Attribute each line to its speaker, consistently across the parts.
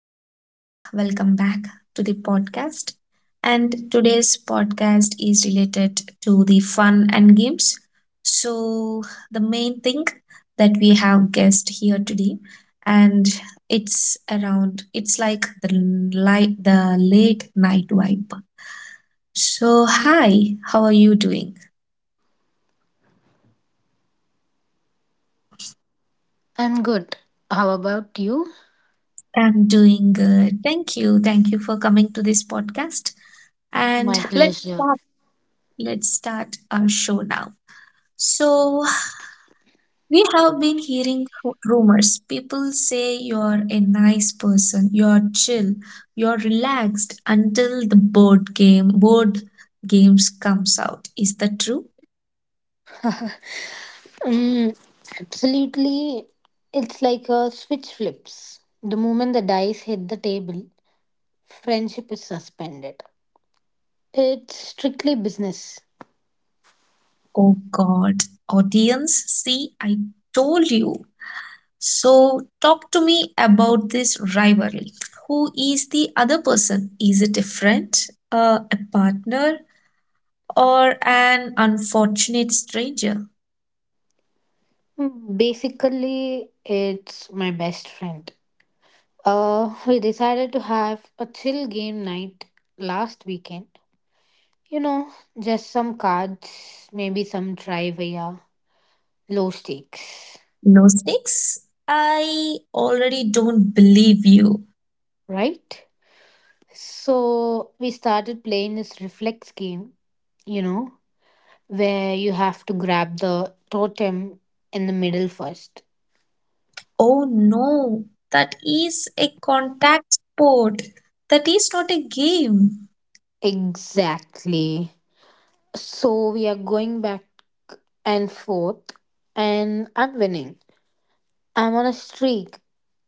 Speaker 1: guys. Welcome back to the podcast. And today's podcast is related to the fun and games. So, the main thing that we have guessed here today, and it's around, it's like the late night vibe. So, hi, how are you doing?
Speaker 2: I'm good. How about you?
Speaker 1: I'm doing good. Thank you. Thank you for coming to this podcast. And
Speaker 2: My
Speaker 1: let's
Speaker 2: pleasure.
Speaker 1: start. Let's start our show now. So, we have been hearing rumors. People say you're a nice person, you're chill, you're relaxed until the board games comes out. Is that true?
Speaker 2: Mm, Absolutely. It's like a switch flips. The moment the dice hit the table, friendship is suspended. It's strictly business.
Speaker 1: Oh god. Audience, see I told you. So talk to me about this rivalry. Who is the other person? Is it a friend, a partner, or an unfortunate stranger?
Speaker 2: Basically, it's my best friend. We decided to have a chill game night last weekend. You know, just some cards, maybe some trivia, low stakes,
Speaker 1: No snakes! I already don't believe you.
Speaker 2: right? So we started playing this reflex game, you know, where you have to grab the totem in the middle first.
Speaker 1: Oh no, that is a contact sport. That is not a game.
Speaker 2: Exactly. So we are going back and forth, and I'm winning. I'm on a streak,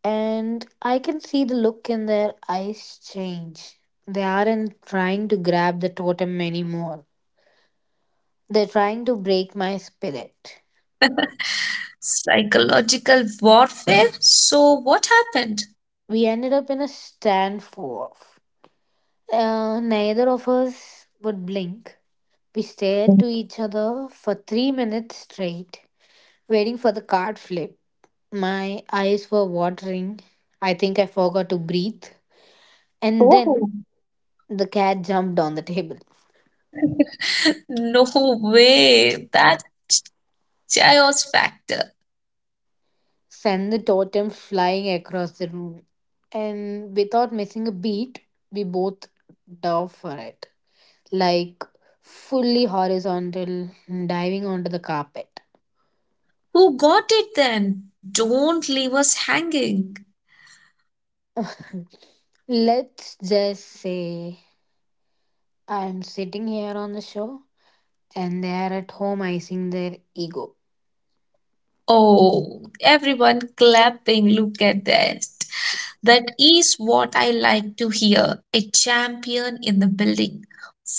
Speaker 2: and I can see the look in their eyes change. They aren't trying to grab the totem anymore, they're trying to break my spirit.
Speaker 1: Psychological warfare? So what happened?
Speaker 2: We ended up in a stand for. Neither of us would blink. We stared to each other for 3 minutes straight, waiting for the card flip. My eyes were watering. I think I forgot to breathe. And then
Speaker 1: Oh.
Speaker 2: the cat jumped on the table,
Speaker 1: No way. That chaos factor.
Speaker 2: sent the totem flying across the room. And without missing a beat, we both dove for it, like fully horizontal, diving onto the carpet.
Speaker 1: Who got it then? Don't leave us hanging.
Speaker 2: Let's just say I'm sitting here on the shore and they are at home icing their ego.
Speaker 1: Oh, everyone clapping. Look at that. That is what I like to hear. A champion in the building.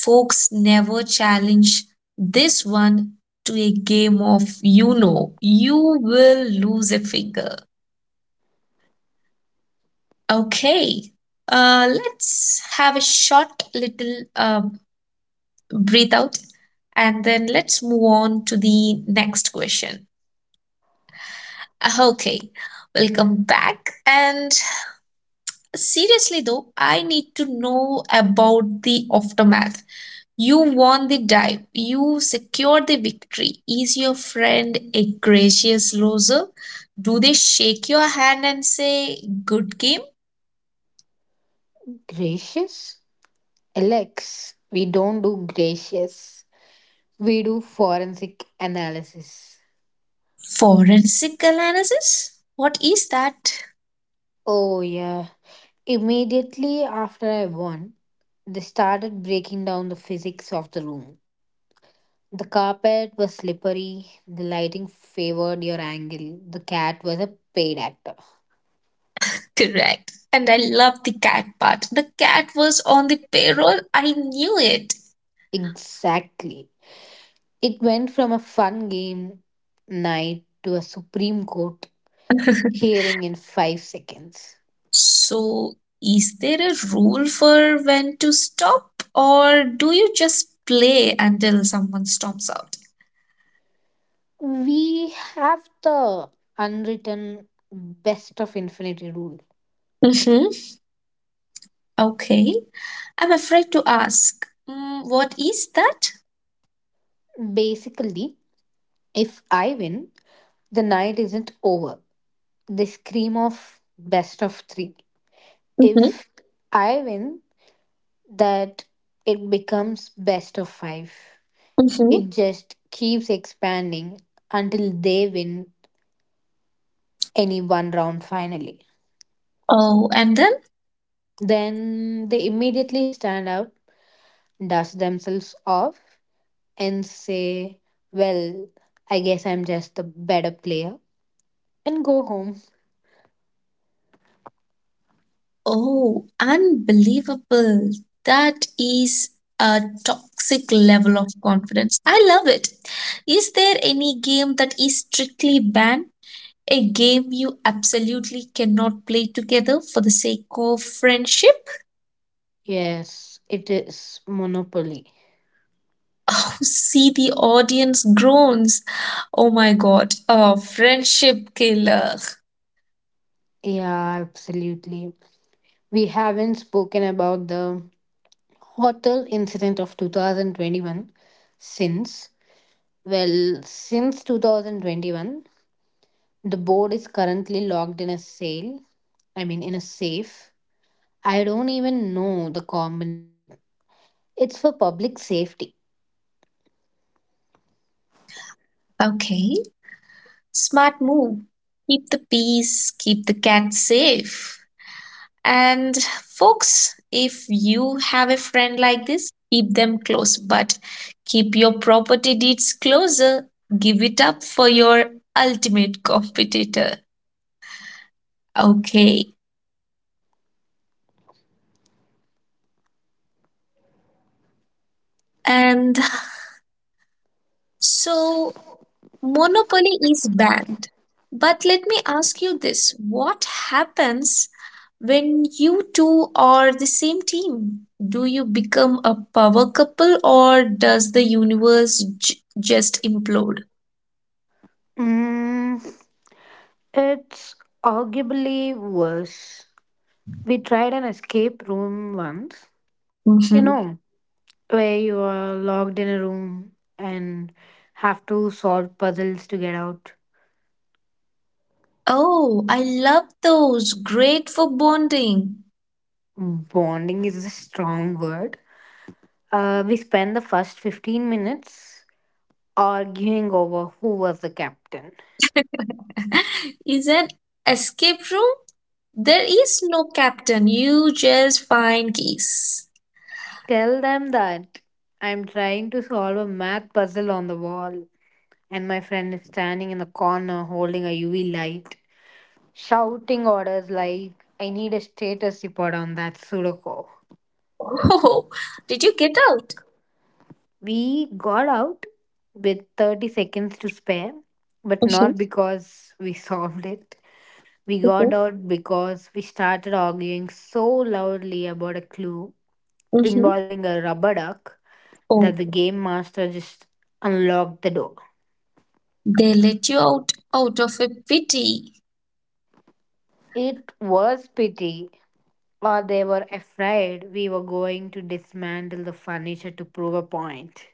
Speaker 1: Folks, never challenge this one to a game of, you know, you will lose a finger. Okay, let's have a short little breathe out, and then let's move on to the next question. Okay, welcome back. And seriously though, I need to know about the aftermath. You won the dive, you secured the victory. Is your friend a gracious loser? Do they shake your hand and say, "Good game"?
Speaker 2: Gracious? Alex, we don't do gracious. We do forensic analysis.
Speaker 1: Forensic analysis? What is that?
Speaker 2: Oh, yeah. Immediately after I won, they started breaking down the physics of the room. The carpet was slippery, the lighting favored your angle, the cat was a paid actor.
Speaker 1: Correct. And I love the cat part. The cat was on the payroll. I knew it.
Speaker 2: Exactly. It went from a fun game night to a Supreme Court hearing in 5 seconds.
Speaker 1: So, is there a rule for when to stop, or do you just play until someone storms out?
Speaker 2: We have the unwritten best of infinity rule.
Speaker 1: Mm-hmm. Okay, I'm afraid to ask. Mm, what is that?
Speaker 2: Basically, if I win, the night isn't over. They scream of best of three.
Speaker 1: Mm-hmm.
Speaker 2: If I win, that it becomes best of five.
Speaker 1: Mm-hmm.
Speaker 2: It just keeps expanding until they win any one round finally.
Speaker 1: Oh, and then?
Speaker 2: Then they immediately stand up, dust themselves off, and say, Well, I guess I'm just the better player, and go home.
Speaker 1: Oh, unbelievable. That is a toxic level of confidence. I love it. Is there any game that is strictly banned? A game you absolutely cannot play together for the sake of friendship?
Speaker 2: Yes, it is Monopoly.
Speaker 1: Oh, see, the audience groans. Oh my god, a friendship killer.
Speaker 2: Yeah, absolutely. We haven't spoken about the hotel incident of 2021 since. Well, since 2021, the board is currently locked in a sale, I mean, in a safe I don't even know the combination. It's for public safety.
Speaker 1: Okay, smart move. Keep the peace, keep the cat safe. And folks, if you have a friend like this, keep them close, but keep your property deeds closer. Give it up for your ultimate competitor. Okay, and so monopoly is banned. But let me ask you this, what happens when you two are the same team? Do you become a power couple, or does the universe just implode?
Speaker 2: Mm, it's arguably worse. We tried an escape room once, you
Speaker 1: Hmm.
Speaker 2: know, where you are locked in a room and have to solve puzzles to get out.
Speaker 1: Oh, I love those. Great for bonding.
Speaker 2: Bonding is a strong word. We spent the first 15 minutes arguing over who was the captain.
Speaker 1: Is an escape room? There is no captain. You just find keys.
Speaker 2: Tell them that I'm trying to solve a math puzzle on the wall, and my friend is standing in the corner holding a UV light, shouting orders like, I need a status report on that Sudoku.
Speaker 1: Oh, did you get out?
Speaker 2: We got out with 30 seconds to spare, but
Speaker 1: Mhm,
Speaker 2: not because we solved it. We
Speaker 1: mhm,
Speaker 2: got out because we started arguing so loudly about a clue
Speaker 1: mhm.
Speaker 2: involving a rubber duck
Speaker 1: Oh,
Speaker 2: that the game master just unlocked the door.
Speaker 1: they let you out of a pity.
Speaker 2: It was pity, or they were afraid we were going to dismantle the furniture to prove a point.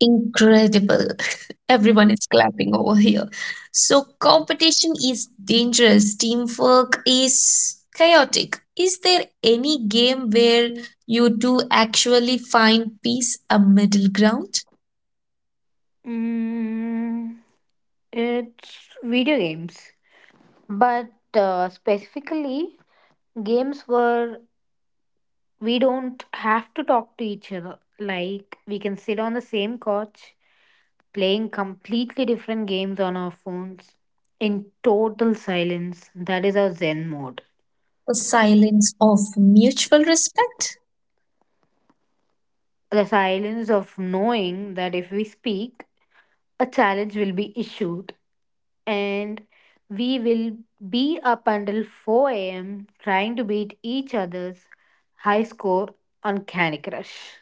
Speaker 1: Incredible. Everyone is clapping over here. So competition is dangerous. Teamwork is chaotic. Is there any game where you do actually find peace, a middle ground?
Speaker 2: Mm, it's video games. But specifically, games where we don't have to talk to each other. Like, we can sit on the same couch playing completely different games on our phones in total silence. That is our Zen mode.
Speaker 1: The silence of mutual respect?
Speaker 2: The silence of knowing that if we speak, a challenge will be issued and we will be up until 4 a.m. trying to beat each other's high score on Candy Crush.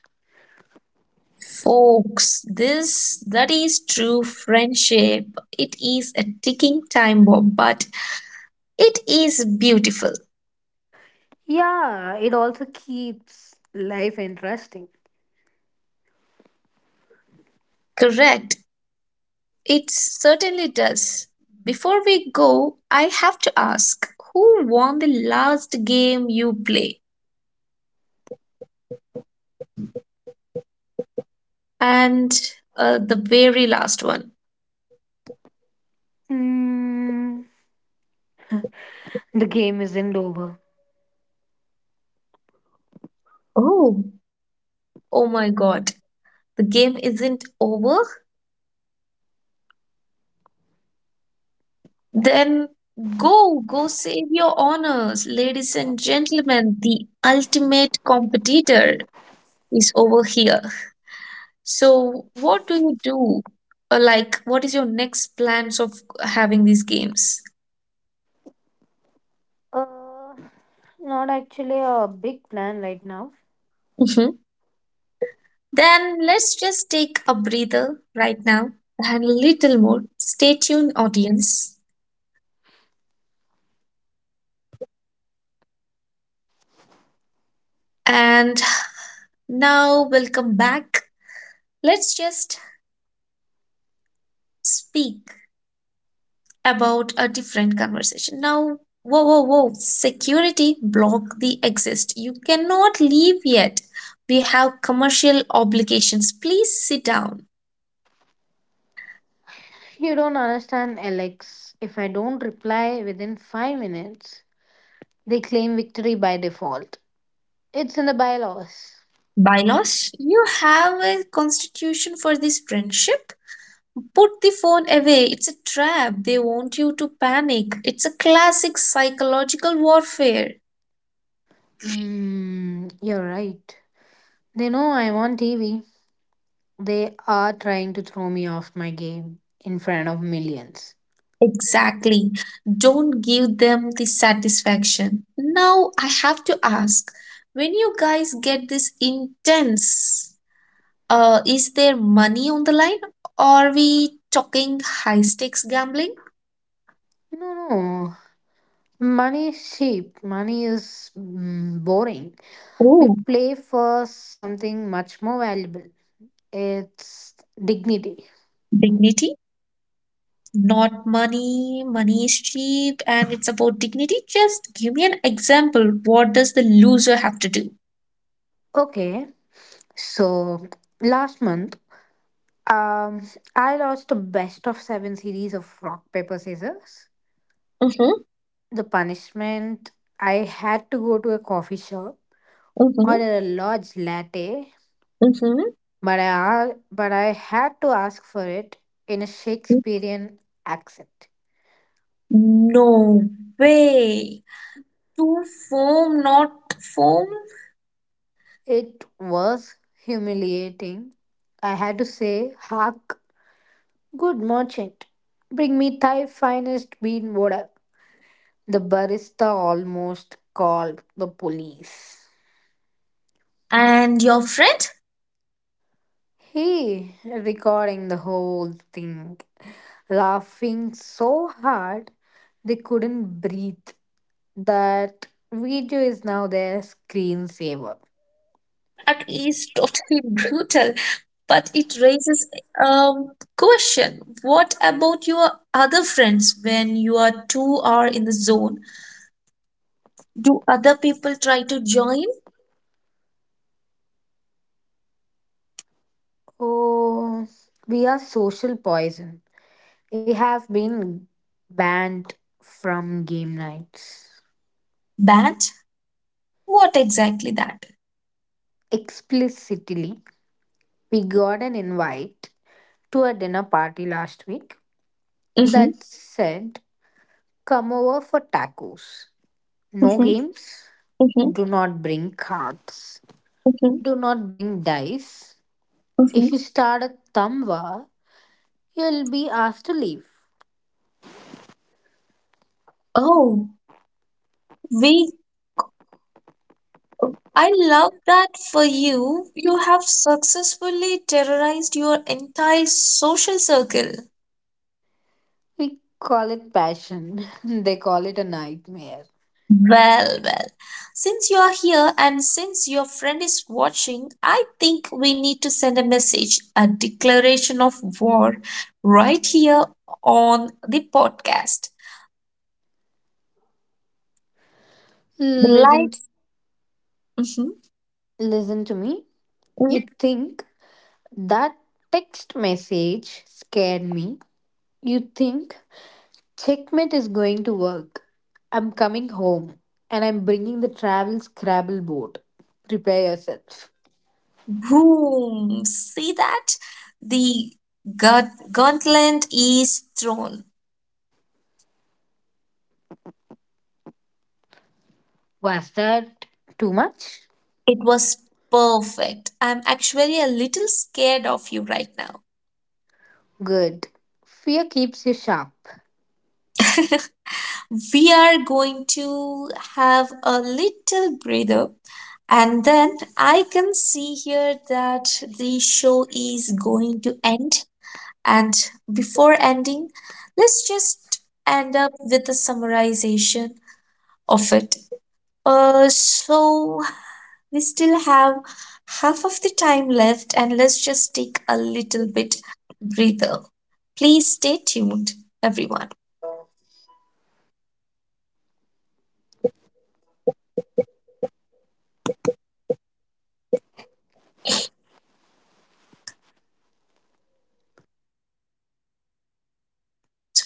Speaker 1: Folks, this that is true friendship. It is a ticking time bomb, but it is beautiful.
Speaker 2: Yeah, it also keeps life interesting.
Speaker 1: Correct. It certainly does. Before we go, I have to ask, who won the last game you play, and the very last one?
Speaker 2: Mm, the game isn't over.
Speaker 1: Oh, oh my god. The game isn't over? Then go, go save your honors, ladies and gentlemen. The ultimate competitor is over here. So, what do you do? Or like, what is your next plans of having these games?
Speaker 2: Uh, Not actually a big plan right now.
Speaker 1: Mhm. Then let's just take a breather right now and a little more. Stay tuned, audience. And now, welcome back. Let's just speak about a different conversation. Now, whoa, whoa, whoa, security block the exist. You cannot leave yet. We have commercial obligations. Please sit down.
Speaker 2: You don't understand, Alex. If I don't reply within 5 minutes, they claim victory by default. It's in the bylaws.
Speaker 1: Bylaws, you have a constitution for this friendship. Put the phone away. It's a trap. They want you to panic. It's a classic psychological warfare.
Speaker 2: You're right. They know I'm on TV. They are trying to throw me off my game in front of millions.
Speaker 1: Exactly. Don't give them the satisfaction. Now, I have to ask, when you guys get this intense, is there money on the line? Are we talking high stakes gambling?
Speaker 2: No, no. Money is cheap. Money is boring. We
Speaker 1: Oh,
Speaker 2: play for something much more valuable. It's dignity.
Speaker 1: dignity? Not money, money is cheap and it's about dignity. Just give me an example. What does the loser have to do?
Speaker 2: Okay, so last month, um, I lost the best of seven series of rock paper scissors.
Speaker 1: Mm-hmm,
Speaker 2: The punishment I had to go to a coffee shop,
Speaker 1: mm-hmm,
Speaker 2: order a large latte,
Speaker 1: mm-hmm.
Speaker 2: but but I had to ask for it in a Shakespearean accent.
Speaker 1: No way. To foam, not foam.
Speaker 2: It was humiliating. I had to say, "Hark, good merchant, bring me thy finest bean water." The barista almost called the police.
Speaker 1: And your friend?
Speaker 2: He recording the whole thing, laughing so hard they couldn't breathe. That video is now their screensaver.
Speaker 1: That is totally brutal. But it raises a question. What about your other friends when you are two are in the zone? Do other people try to join?
Speaker 2: Oh, we are social poison. We have been banned from game nights
Speaker 1: Band? What exactly that?
Speaker 2: explicitly. We got an invite to a dinner party last week
Speaker 1: Mhm.
Speaker 2: that said, Come over for tacos. No
Speaker 1: Mhm.
Speaker 2: games,
Speaker 1: Mhm.
Speaker 2: do not bring cards.
Speaker 1: Mhm.
Speaker 2: Do not bring dice.
Speaker 1: Mhm.
Speaker 2: If you start a thumb war, you'll be asked to leave.
Speaker 1: Oh, we I love that for you. You have successfully terrorized your entire social circle.
Speaker 2: We call it passion. They call it a nightmare.
Speaker 1: Well, well. Since you are here and since your friend is watching, I think we need to send a message, a declaration of war right here on the podcast. The
Speaker 2: Listen,
Speaker 1: lights. Mhm.
Speaker 2: listen to me. You think that text message scared me. You think checkmate is going to work. I'm coming home and I'm bringing the travel Scrabble board. Prepare yourself.
Speaker 1: Boom! See that? The gauntlet is thrown.
Speaker 2: Was that too much?
Speaker 1: It was perfect. I'm actually a little scared of you right now.
Speaker 2: Good. Fear keeps you sharp.
Speaker 1: We are going to have a little breather. And then I can see here that the show is going to end. And before ending, let's just end up with a summarization of it. Uh, so We still have half of the time left, and let's just take a little bit breather. Please stay tuned, everyone.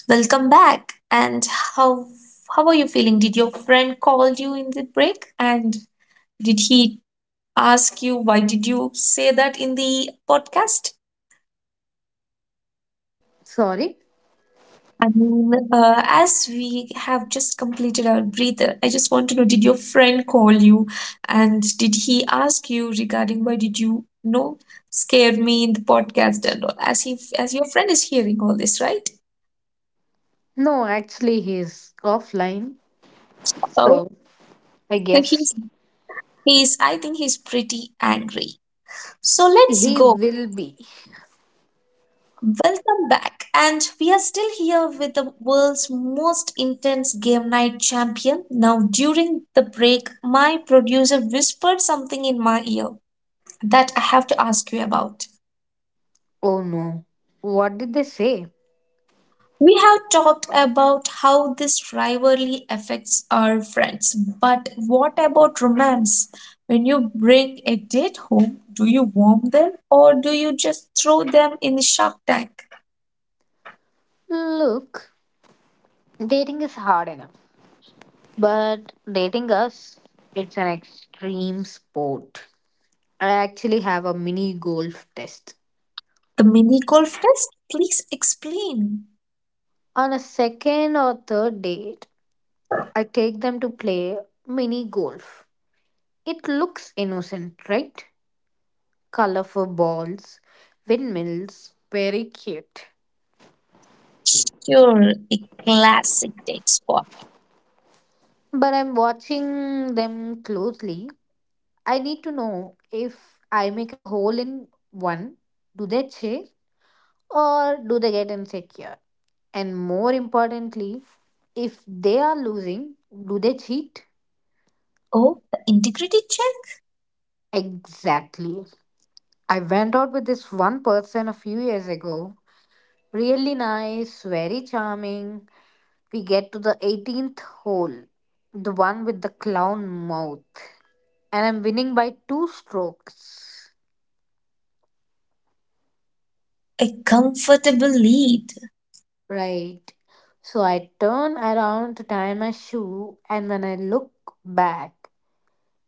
Speaker 1: Welcome back. And how how are you feeling? Did your friend call you in the break? And did he ask you why did you say that in the podcast?
Speaker 2: Sorry?
Speaker 1: I mean, as we have just completed our breather, I just want to know, did your friend call you, and did he ask you regarding why did you, you know, scare me in the podcast and all? As as your friend is hearing all this, right?
Speaker 2: No, actually, he's offline.
Speaker 1: Oh,
Speaker 2: So, I
Speaker 1: so
Speaker 2: guess
Speaker 1: he's, he's, I think he's pretty angry. So let's
Speaker 2: he
Speaker 1: go.
Speaker 2: will be.
Speaker 1: Welcome back. And we are still here with the world's most intense game night champion. Now, during the break, my producer whispered something in my ear that I have to ask you about.
Speaker 2: Oh no. What did they say?
Speaker 1: We have talked about how this rivalry affects our friends, but what about romance? When you bring a date home, do you warm them, or do you just throw them in the shark tank?
Speaker 2: Look, dating is hard enough. But dating us, it's an extreme sport. I actually have a mini golf test.
Speaker 1: The mini golf test? Please explain.
Speaker 2: On a second or third date, I take them to play mini golf. It looks innocent, right? Colorful balls, windmills, very cute.
Speaker 1: Sure, a classic date spot.
Speaker 2: But I'm watching them closely. I need to know if I make a hole in one, do they chase or do they get insecure? And more importantly, if they are losing, do they cheat?
Speaker 1: Oh, the integrity check?
Speaker 2: Exactly. I went out with this one person a few years ago. Really nice, very charming, we get to the 18th hole, the one with the clown mouth, and I'm winning by two strokes.
Speaker 1: A comfortable lead.
Speaker 2: Right. So I turn around to tie my shoe, and when I look back,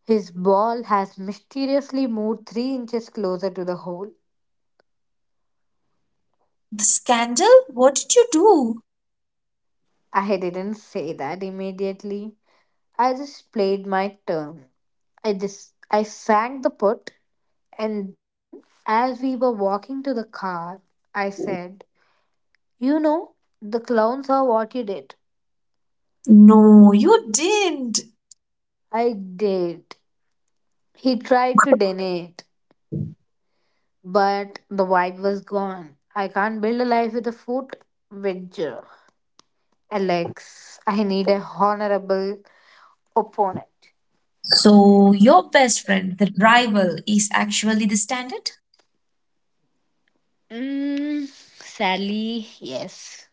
Speaker 2: his ball has mysteriously moved 3 inches closer to the hole.
Speaker 1: The scandal? What did you do?
Speaker 2: I didn't say that immediately. I just played my turn. I sank the putt, and then as we were walking to the car, I said, You know, the clowns are what you did.
Speaker 1: No, you didn't.
Speaker 2: I did. He tried to deny it, but the vibe was gone. I can't build a life with a foot wedger. Alex, I need a honorable opponent.
Speaker 1: So, your best friend, the rival, is actually the standard?
Speaker 2: Sadly, yes.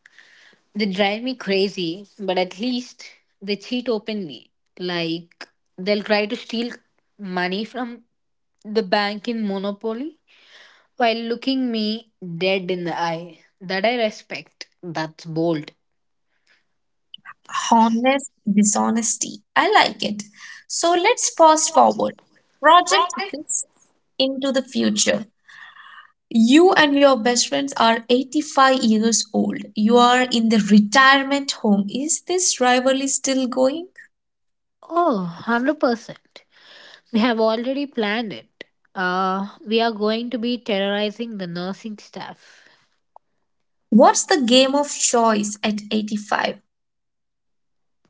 Speaker 2: They drive me crazy, but at least they cheat openly. Like, they'll try to steal money from the bank in Monopoly while looking me dead in the eye. That I respect. That's bold.
Speaker 1: Honest dishonesty. I like it. So, let's fast forward. Project this into the future. You and your best friends are 85 years old. You are in the retirement home. Is this rivalry still going?
Speaker 2: Oh, 100%. We have already planned it. We are going to be terrorizing the nursing staff.
Speaker 1: What's the game of choice at 85?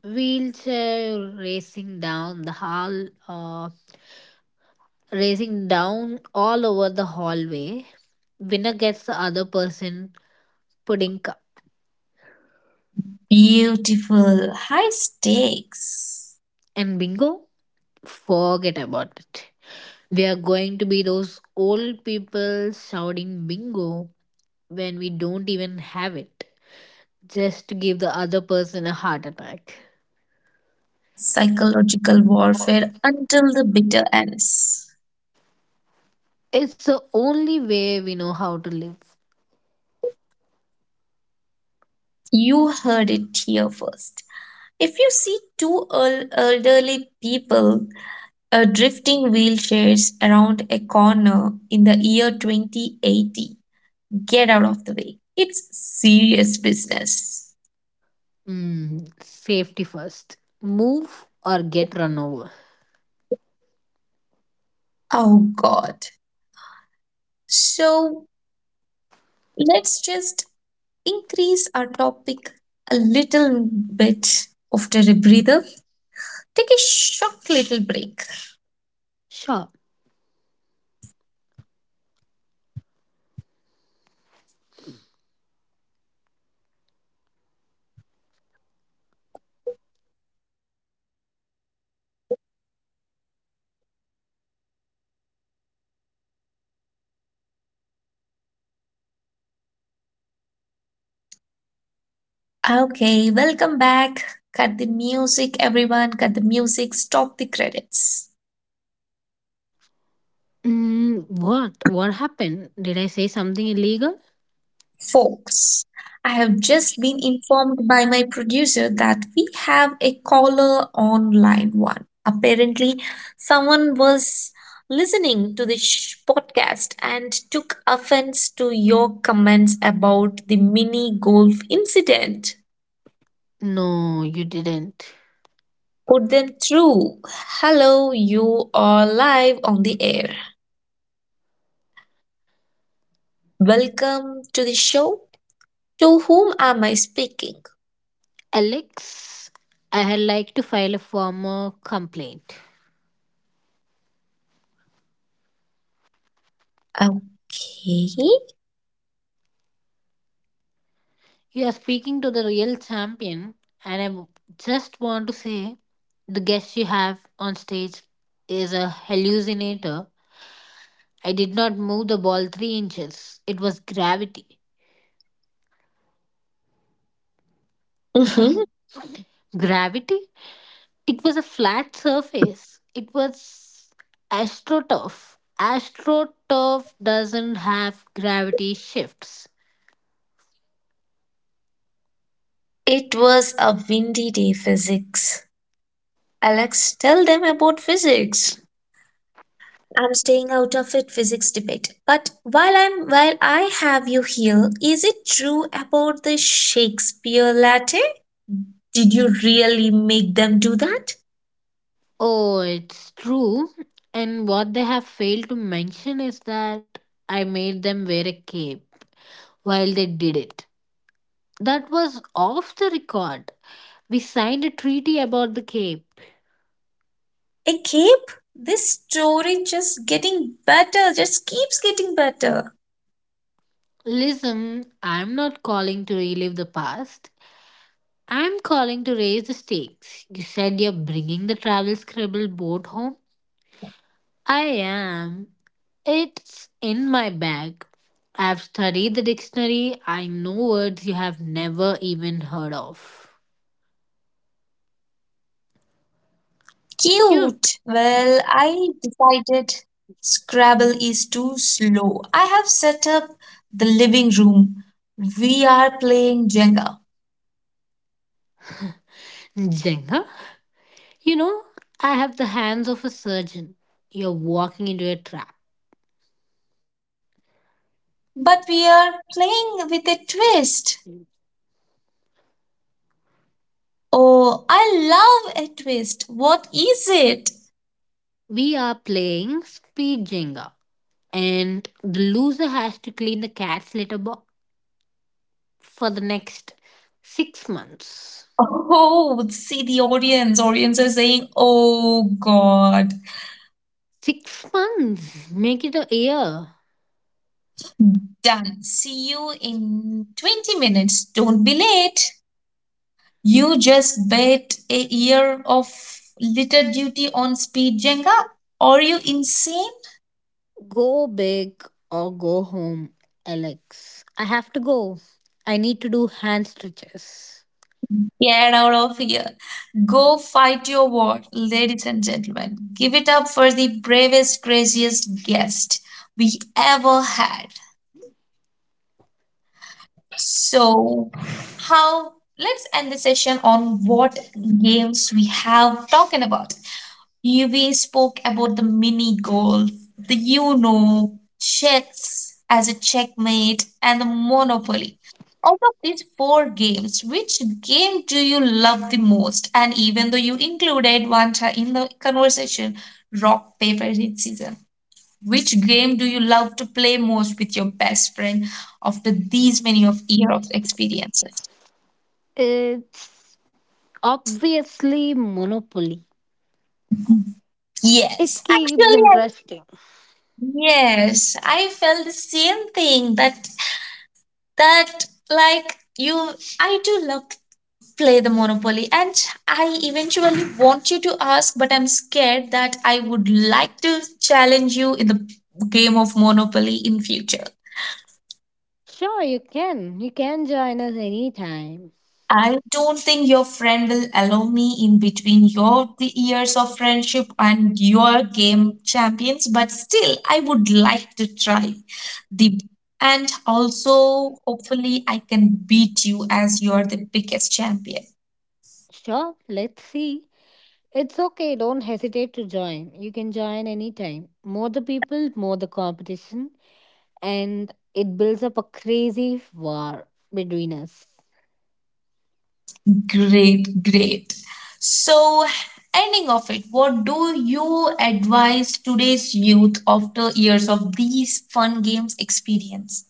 Speaker 2: Wheelchair racing down the hall, racing down all over the hallway. Winner gets the other person pudding cup.
Speaker 1: Beautiful. High stakes.
Speaker 2: And bingo, forget about it. We are going to be those old people shouting bingo when we don't even have it, just to give the other person a heart attack.
Speaker 1: Psychological warfare until the bitter ends.
Speaker 2: It's the only way we know how to live.
Speaker 1: You heard it here first. If you see two elderly people drifting wheelchairs around a corner in the year 2080, get out of the way. It's serious business.
Speaker 2: Safety first. Move or get run over.
Speaker 1: Oh God. So let's just increase our topic a little bit after a breather. Take a short little break.
Speaker 2: Sure.
Speaker 1: Okay, welcome back. Cut the music, everyone. Cut the music. Stop the credits.
Speaker 2: What? What happened? Did I say something illegal?
Speaker 1: Folks, I have just been informed by my producer that we have a caller on line one. Apparently, someone was listening to this podcast and took offense to your comments about the mini golf incident.
Speaker 2: No, you didn't.
Speaker 1: Put them through. Hello, you are live on the air. Welcome to the show. To whom am I speaking?
Speaker 2: Alex, I had like to file a formal complaint.
Speaker 1: Okay.
Speaker 2: You are speaking to the real champion, and I just want to say the guest you have on stage is a hallucinator. I did not move the ball 3 inches, it was gravity.
Speaker 1: Hmm.
Speaker 2: Gravity? It was a flat surface, it was astroturf. Astroturf doesn't have gravity shifts.
Speaker 1: It was a windy day, physics. Alex, tell them about physics. I'm staying out of it physics debate. But while I have you here, is it true about the Shakespeare latte? Did you really make them do that?
Speaker 2: Oh, it's true. And what they have failed to mention is that I made them wear a cape. While they did it. That was off the record. We signed a treaty about the Cape.
Speaker 1: A cape? This story just getting better, just keeps getting better.
Speaker 2: Listen, I'm not calling to relive the past. I'm calling to raise the stakes. You said you're bringing the travel scribble boat home? I am. It's in my bag. I've studied the dictionary. I know words you have never even heard of.
Speaker 1: Cute. Well, I
Speaker 2: Cute.
Speaker 1: decided Scrabble is too slow. I have set up the living room. We are playing Jenga,
Speaker 2: Jenga, you know, I have the hands of a surgeon. You're walking into a trap.
Speaker 1: but we are playing with a twist. Oh, I love a twist. What is it?
Speaker 2: We are playing speed Jenga, and the loser has to clean the cat's litter box for the next 6 months.
Speaker 1: Oh, see the audience. Audience are saying, oh God.
Speaker 2: 6 months? Make it a year.
Speaker 1: Done. See you in 20 minutes. Don't be late. You just bet a year of litter duty on speed, Jenga? Are you insane?
Speaker 2: Go big or go home, Alex. I have to go. I need to do hand stretches.
Speaker 1: Get out of here. Go fight your war, ladies and gentlemen. Give it up for the bravest, craziest guest we ever had. So, how let's end the session on what games we have talking about. We spoke about the mini golf, the Uno, chess as a checkmate, and the Monopoly. Out of these four games, which game do you love the most? And even though you included one in the conversation, rock, paper, scissors, which game do you love to play most with your best friend after these many of year of experiences?
Speaker 2: It's obviously Monopoly. It
Speaker 1: Yes,
Speaker 2: keeps
Speaker 1: actually,
Speaker 2: interesting.
Speaker 1: yes, I felt the same thing that like you, I do love to play the monopoly, and I eventually want you to ask, but I'm scared that I would like to challenge you in the game of monopoly in future.
Speaker 2: Sure, you can. You can join us anytime.
Speaker 1: I don't think your friend will allow me in between your the years of friendship and your game champions, but still I would like to try the and also hopefully I can beat you as you're the biggest champion.
Speaker 2: Sure, let's see. It's okay, don't hesitate to join. You can join anytime. More the people, more the competition, and it builds up a crazy war between us.
Speaker 1: Great, great. So, ending of it, what do you advise today's youth after years of these fun games experience?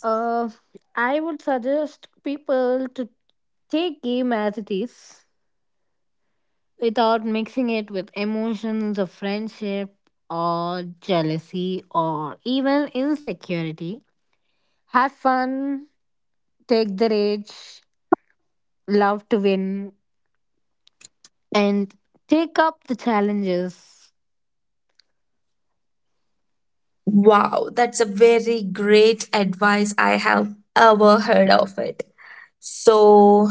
Speaker 2: Uh, I would suggest people to take game as it is without mixing it with emotions of friendship or jealousy or even insecurity. Have fun, take the rage, love to win, and take up the challenges
Speaker 1: Wow, that's a very great advice I have ever heard of it. So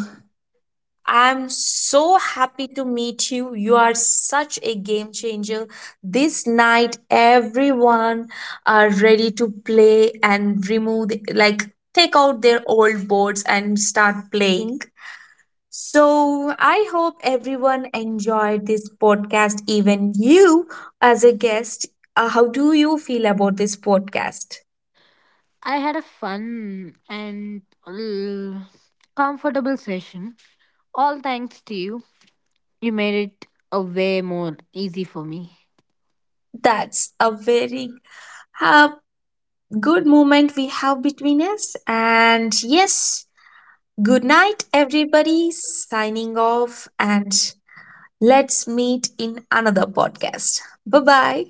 Speaker 1: I'm so happy to meet you. You are such a game changer. This night, everyone are ready to play and remove, the, like, take out their old boards and start playing. So, I hope everyone enjoyed this podcast, even you as a guest. How do you feel about this podcast?
Speaker 2: I had a fun and uh, comfortable session, all thanks to you. You made it a way more easy for me.
Speaker 1: That's a very uh, good moment we have between us. And yes, good night, everybody. Signing off, and let's meet in another podcast. Bye bye.